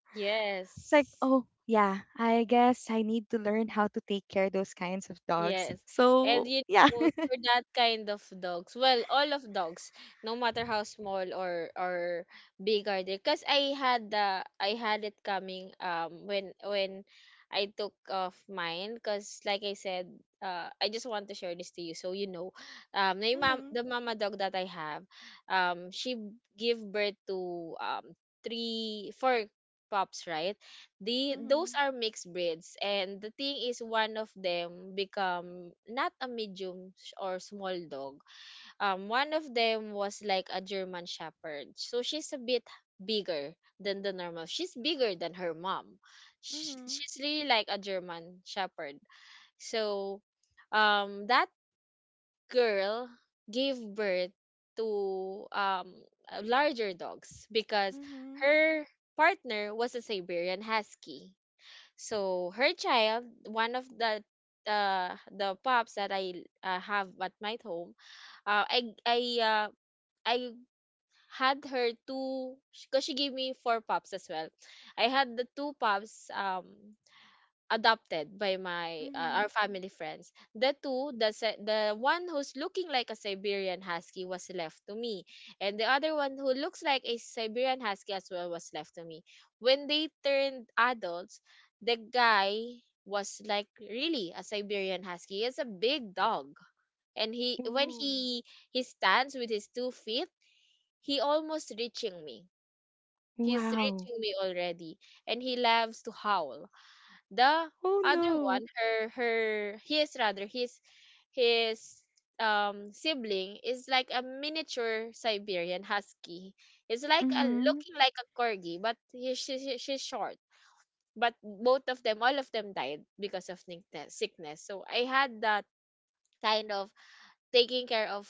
it's like, Yes. oh yeah, I guess I need to learn how to take care those kinds of dogs. Yes. And So you yeah. know, for that kind of dogs, well, all of dogs, no matter how small or big are they, because I had it coming, when I took off mine, because like I said, I just want to share this to you so Mhm. the mama dog that I have, she gave birth to 3 or 4 pups, right? the those Mhm. are mixed breeds, and the thing is one of them become not a medium sh- or small dog. One of them was like a german shepherd, so she's a bit bigger than the normal. She's bigger than her mom. Sh Mhm. She's really like a german shepherd. So that girl gave birth to larger dogs, because Mhm. her partner was a Siberian husky. So her child, one of the, pups that I, have at my home. Uh, i i uh, i had her two, because she gave me four pups as well. I had the two pups adopted by my Mhm. Our family friends. The two, the se- The one who's looking like a Siberian husky was left to me, and the other one who looks like a Siberian husky as well was left to me. When they turned adults, the guy was like really a Siberian husky. He's a big dog, and he when Ooh. He stands with his two feet, he almost reaching me. He's Wow. reaching me already, and he loves to howl. The Oh other one, no. her her his rather his sibling, is like a miniature Siberian husky. It's like a, Mhm. looking like a corgi, but she's short. But both of them all of them died because of, sickness. So I had that kind of taking care of,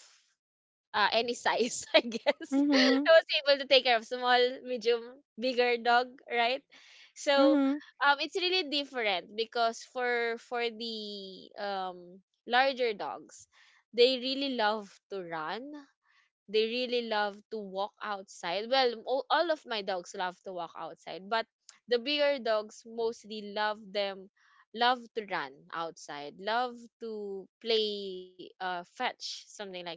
any size, I guess. I Mhm. was able to take care of small, medium, bigger dog, right? So Mhm. It's really different, because for the, larger dogs, they really love to run. They really love to walk outside. Well, all of my dogs love to walk outside, but the bigger dogs mostly love to run outside, love to play fetch, something like that.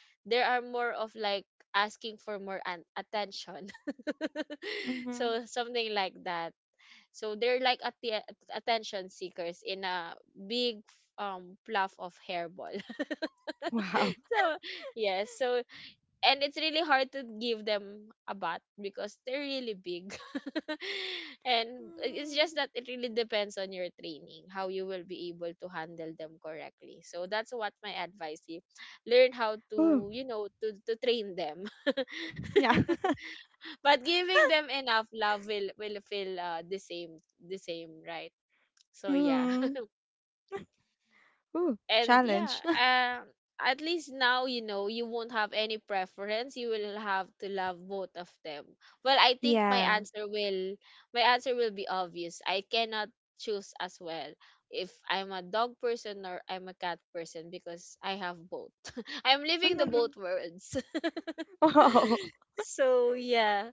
There are more of like asking for more, attention. Mhm. So something like that. So they're like, atti attention seekers in a big fluff of hairball. Wow. So yes. So and it's really hard to give them a bat because they're really big. And it's just Mhm. that, it really depends on your training how you will be able to handle them correctly. So that's what my advice is: learn how Oh, to, to train them. yeah. But giving them enough love will feel, the same, right? So yeah. Mhm. Oh, And yeah, challenge. um at least now you know you won't have any preference, you will have to love both of them. Well, I think my Yeah. answer will, be obvious. I cannot choose as well if I'm a dog person or I'm a cat person, because I have both. I'm living the Mhm. both worlds. Oh. So yeah.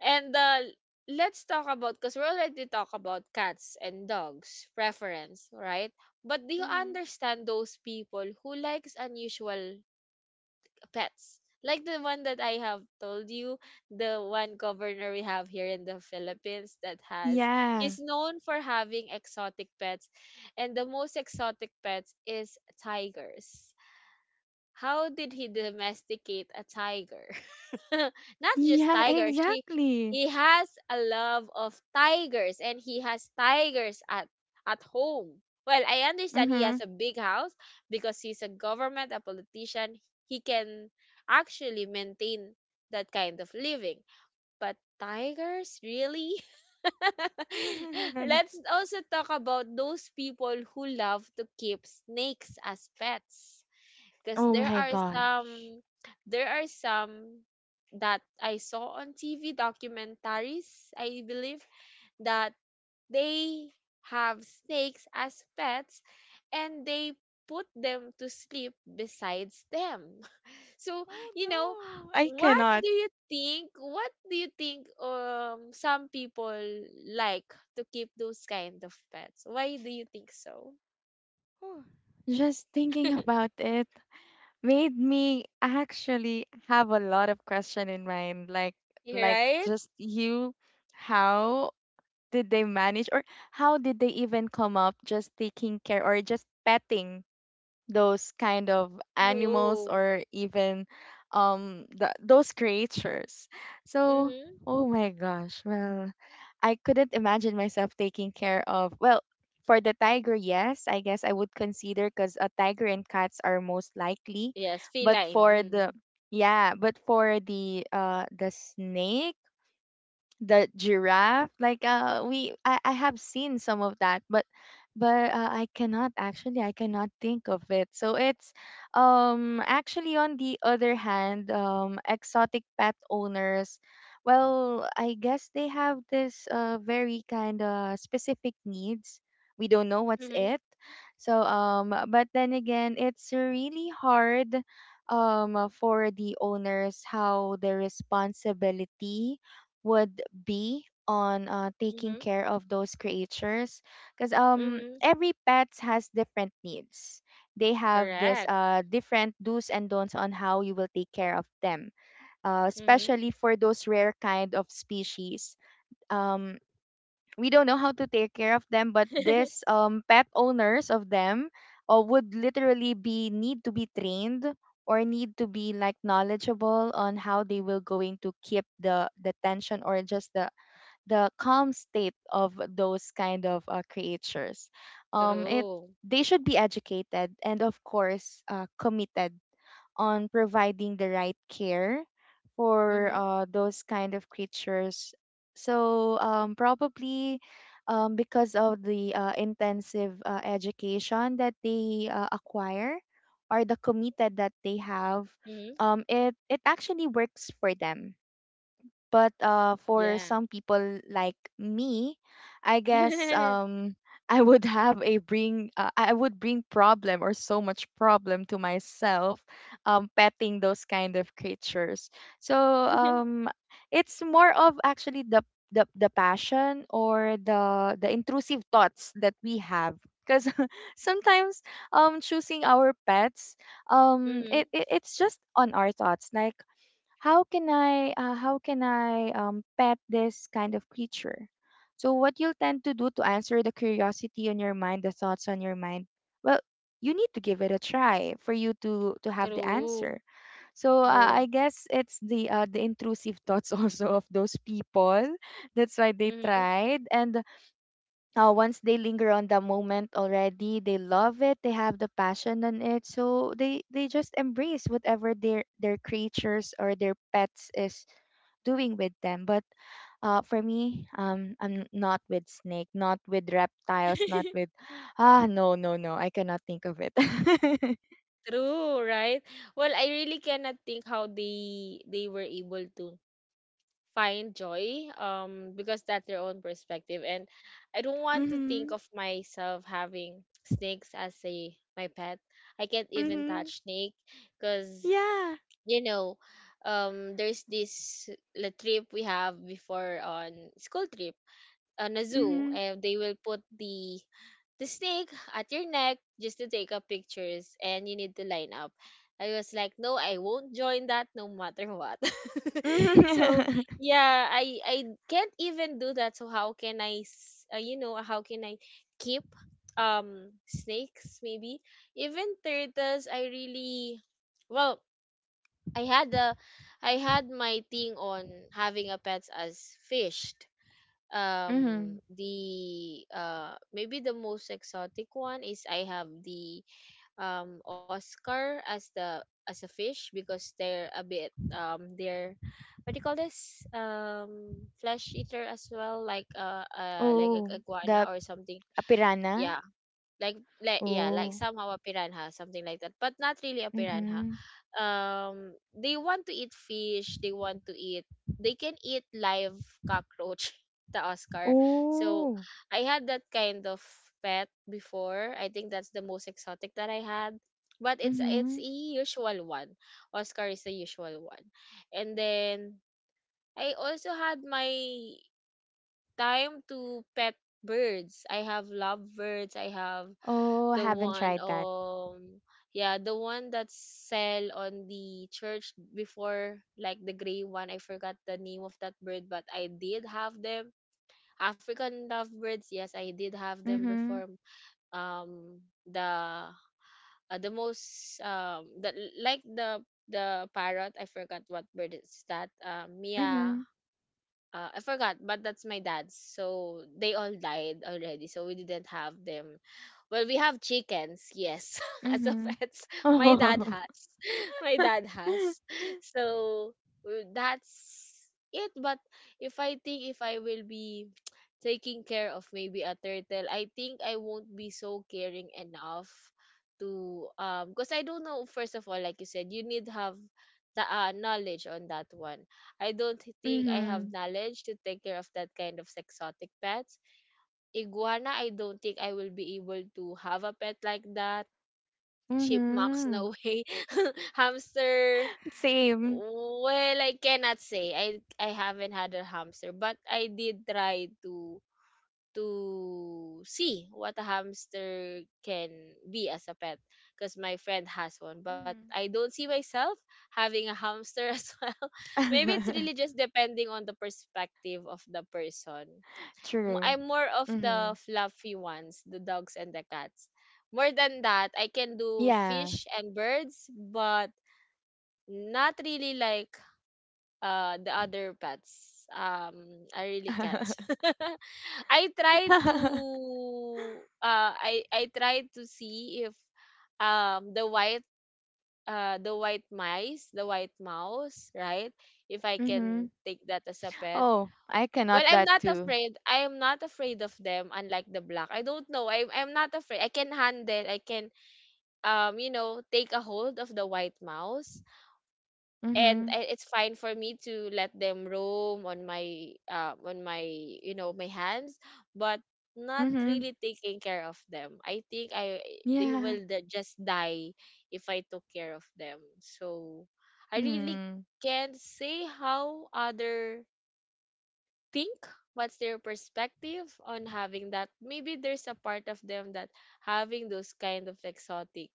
And, let's talk, about because we already talk about cats and dogs preference, right? But do you Mhm. understand those people who likes unusual pets? Like the one that I have told you, the one governor we have here in the Philippines that, has Yeah. he's known for having exotic pets, and the most exotic pets is tigers. How did he domesticate a tiger? Not just Yeah, tiger. She exactly. He has a love of tigers, and he has tigers at home. Well, I understand he has Mm-hmm. a big house, because he's a government, a politician. He can actually maintain that kind of living. But tigers, really? Let's also talk about those people who love to keep snakes as pets, Oh because my gosh. There are some that I saw on TV documentaries, I believe, that they have snakes as pets and they put them to sleep besides them. So, Oh you know, no, I what cannot. do you think? What do you think some people like to keep those kind of pets? Why do you think so? Oh, just thinking about it made me actually have a lot of question in mind. You're Like right? just you, how did they manage or how did they even come up just taking care or just petting those kind of animals True. or even the, those creatures. So oh my gosh, well, I couldn't imagine myself taking care of, well, for the tiger, yes, I guess I would consider because a tiger and cats are most likely, Yes, but feline. for the Mm. yeah, but for the snake, the giraffe, like we I have seen some of that, but I cannot actually I cannot think of it. So it's actually on the other hand exotic pet owners, well I guess they have this very kind of specific needs, we don't know what's Mhm. it. So but then again, it's really hard for the owners how the responsibility would be on taking Mhm. care of those creatures, because Mhm. every pet has different needs. They have this Correct. Different do's and don'ts on how you will take care of them, Mhm. especially for those rare kind of species. um we don't know how to take care of them, but this pet owners of them would literally be need to be trained or need to be like knowledgeable on how they will going to keep the tension or just the calm state of those kind of creatures. It True. they should be educated and of course committed on providing the right care for Mhm. Those kind of creatures. So probably because of the intensive education that they acquire or the committed that they have, Mhm. It it actually works for them, but for Yeah. some people like me, I guess I would have a bring I would bring problem or so much problem to myself, petting those kind of creatures. So it's more of actually the passion or the intrusive thoughts that we have, because sometimes choosing our pets Mhm. it, it it's just on our thoughts like how can I pet this kind of creature? So what you'll tend to do to answer the curiosity on your mind, the thoughts on your mind, well, you need to give it a try for you to have the True. answer. So I True. guess it's the intrusive thoughts also of those people. That's why they Mhm. tried and once they linger on the moment already, they love it, they have the passion on it, so they just embrace whatever their creatures or their pets is doing with them, but for me I'm not with snake, not with reptiles, not with ah no no no I cannot think of it. True, right? Well, I really cannot think how they were able to find joy, because that's their own perspective, and I don't want to think Mhm. of myself having snakes as a my pet. I can't even Mhm. touch snake, because, Yeah. you know, there's this la trip we have before, on school trip on a zoo, Mhm. and they will put the snake at your neck just to take up pictures, and you need to line up. I was like, no, I won't join that no matter what. So Mhm. yeah, I can't even do that. So how can I, s- you know, how can I keep snakes, maybe even turtles? I really, well, I had a I had my thing on having a pets as fished. Mhm. The maybe the most exotic one is I have the, Oscar, as the as a fish, because they're a bit, they're what do you call this, flesh eater as well, like, like a Oh, iguana the or something. a piranha. Yeah, like yeah, like Oh. somehow a piranha, something like that, but not really a piranha. Mhm. They want to eat fish, they can eat live cockroach, the oscar. So Oh. I had that kind of pet before. I think that's the most exotic that I had, but it's, Mhm. a usual one. Oscar is the usual one. And then I also had my time to pet birds. I have lovebirds. I have Oh, the haven't one tried that. um yeah the one that sell on the church before, like the gray one. I forgot the name of that bird, but I did have them. African lovebirds, yes, I did have them Mhm. before. Um the the most the like the parrot. I forgot what bird is that. Mia, Mhm. I forgot, but that's my dad's, so they all died already, so we didn't have them. Well, we have chickens, yes, as a Mhm. pets. My dad Mhm. Mhm. has. My dad has. So, that's it. But if I think if I will be taking care of maybe a turtle, I think I won't be so caring enough, to because I don't know, first of all, like you said, you need have the, knowledge on that one. I don't think I have knowledge to take care of that kind of exotic pets. Iguana, I don't think I will be able to have a pet like that. Chipmunks, no way. Hamster, Same. well, I cannot say. I haven't had a hamster, but I did try to see what a hamster can be as a pet, because my friend has one, but Mhm. I don't see myself having a hamster as well. Maybe it's really just depending on the perspective of the person. True. I'm more of Mhm. the fluffy ones, the dogs and the cats. More than that, I can Yeah. do fish and birds, but not really like the other pets. I really can't. I tried to, see if um the white the white mouse, right? If I can Mhm. take that as a pet. Oh, I Well, cannot I'm that not too. afraid. I am not afraid of them, unlike the black. I don't know. I'm not afraid. I can handle. I can take a hold of the white mouse, and, Mhm. It's fine for me to let them roam on my you know my hands, but not Mhm. really taking care of them. I think, I they Yeah. will just die if I took care of them. So I really Hmm. can't say how other think, what's their perspective on having that. Maybe there's a part of them that having those kind of exotic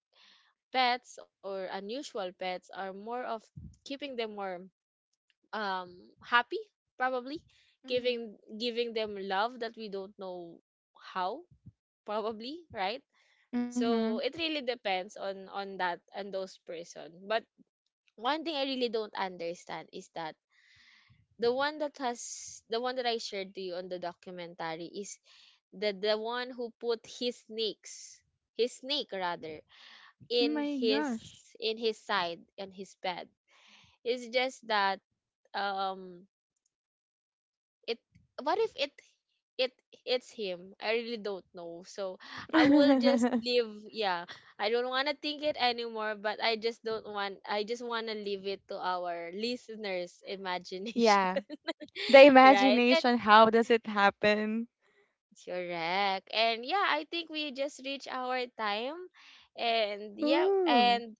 pets or unusual pets are more of keeping them more um happy, probably, Mhm. giving them love that we don't know how, probably, right? Mhm. So it really depends on that and those person, but one thing I really don't understand is that, the one that has the one that I shared to you on the documentary, is the one who put his, snakes his snake rather, in My his, gosh. Side and his bed. It's just that, um it what if it it's him, I really don't know. So I will just leave, yeah, I don't want to think it anymore, but I just don't want I just want to leave it to our listeners imagination. Yeah. The Right. imagination, how does it happen? Correct. And yeah, I think we just reached our time. And yeah, Ooh. and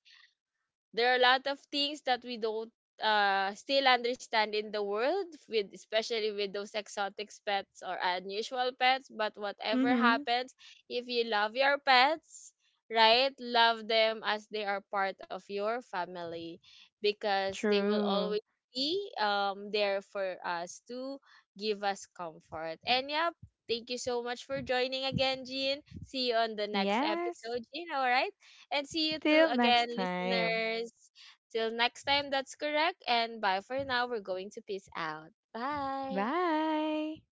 there are a lot of things that we don't, still understand in the world, with, especially with those exotic pets or unusual pets, but whatever Mm-hmm. happens, if you love your pets, right, love them as they are part of your family, because they will always True. be there for us to give us comfort. And yeah, thank you so much for joining again, Jean. See you on the next episode, Yes. Jean. All right. And see you too Till again, next time. listeners. Till next time, that's correct. And bye for now. We're going to peace out. Bye. Bye.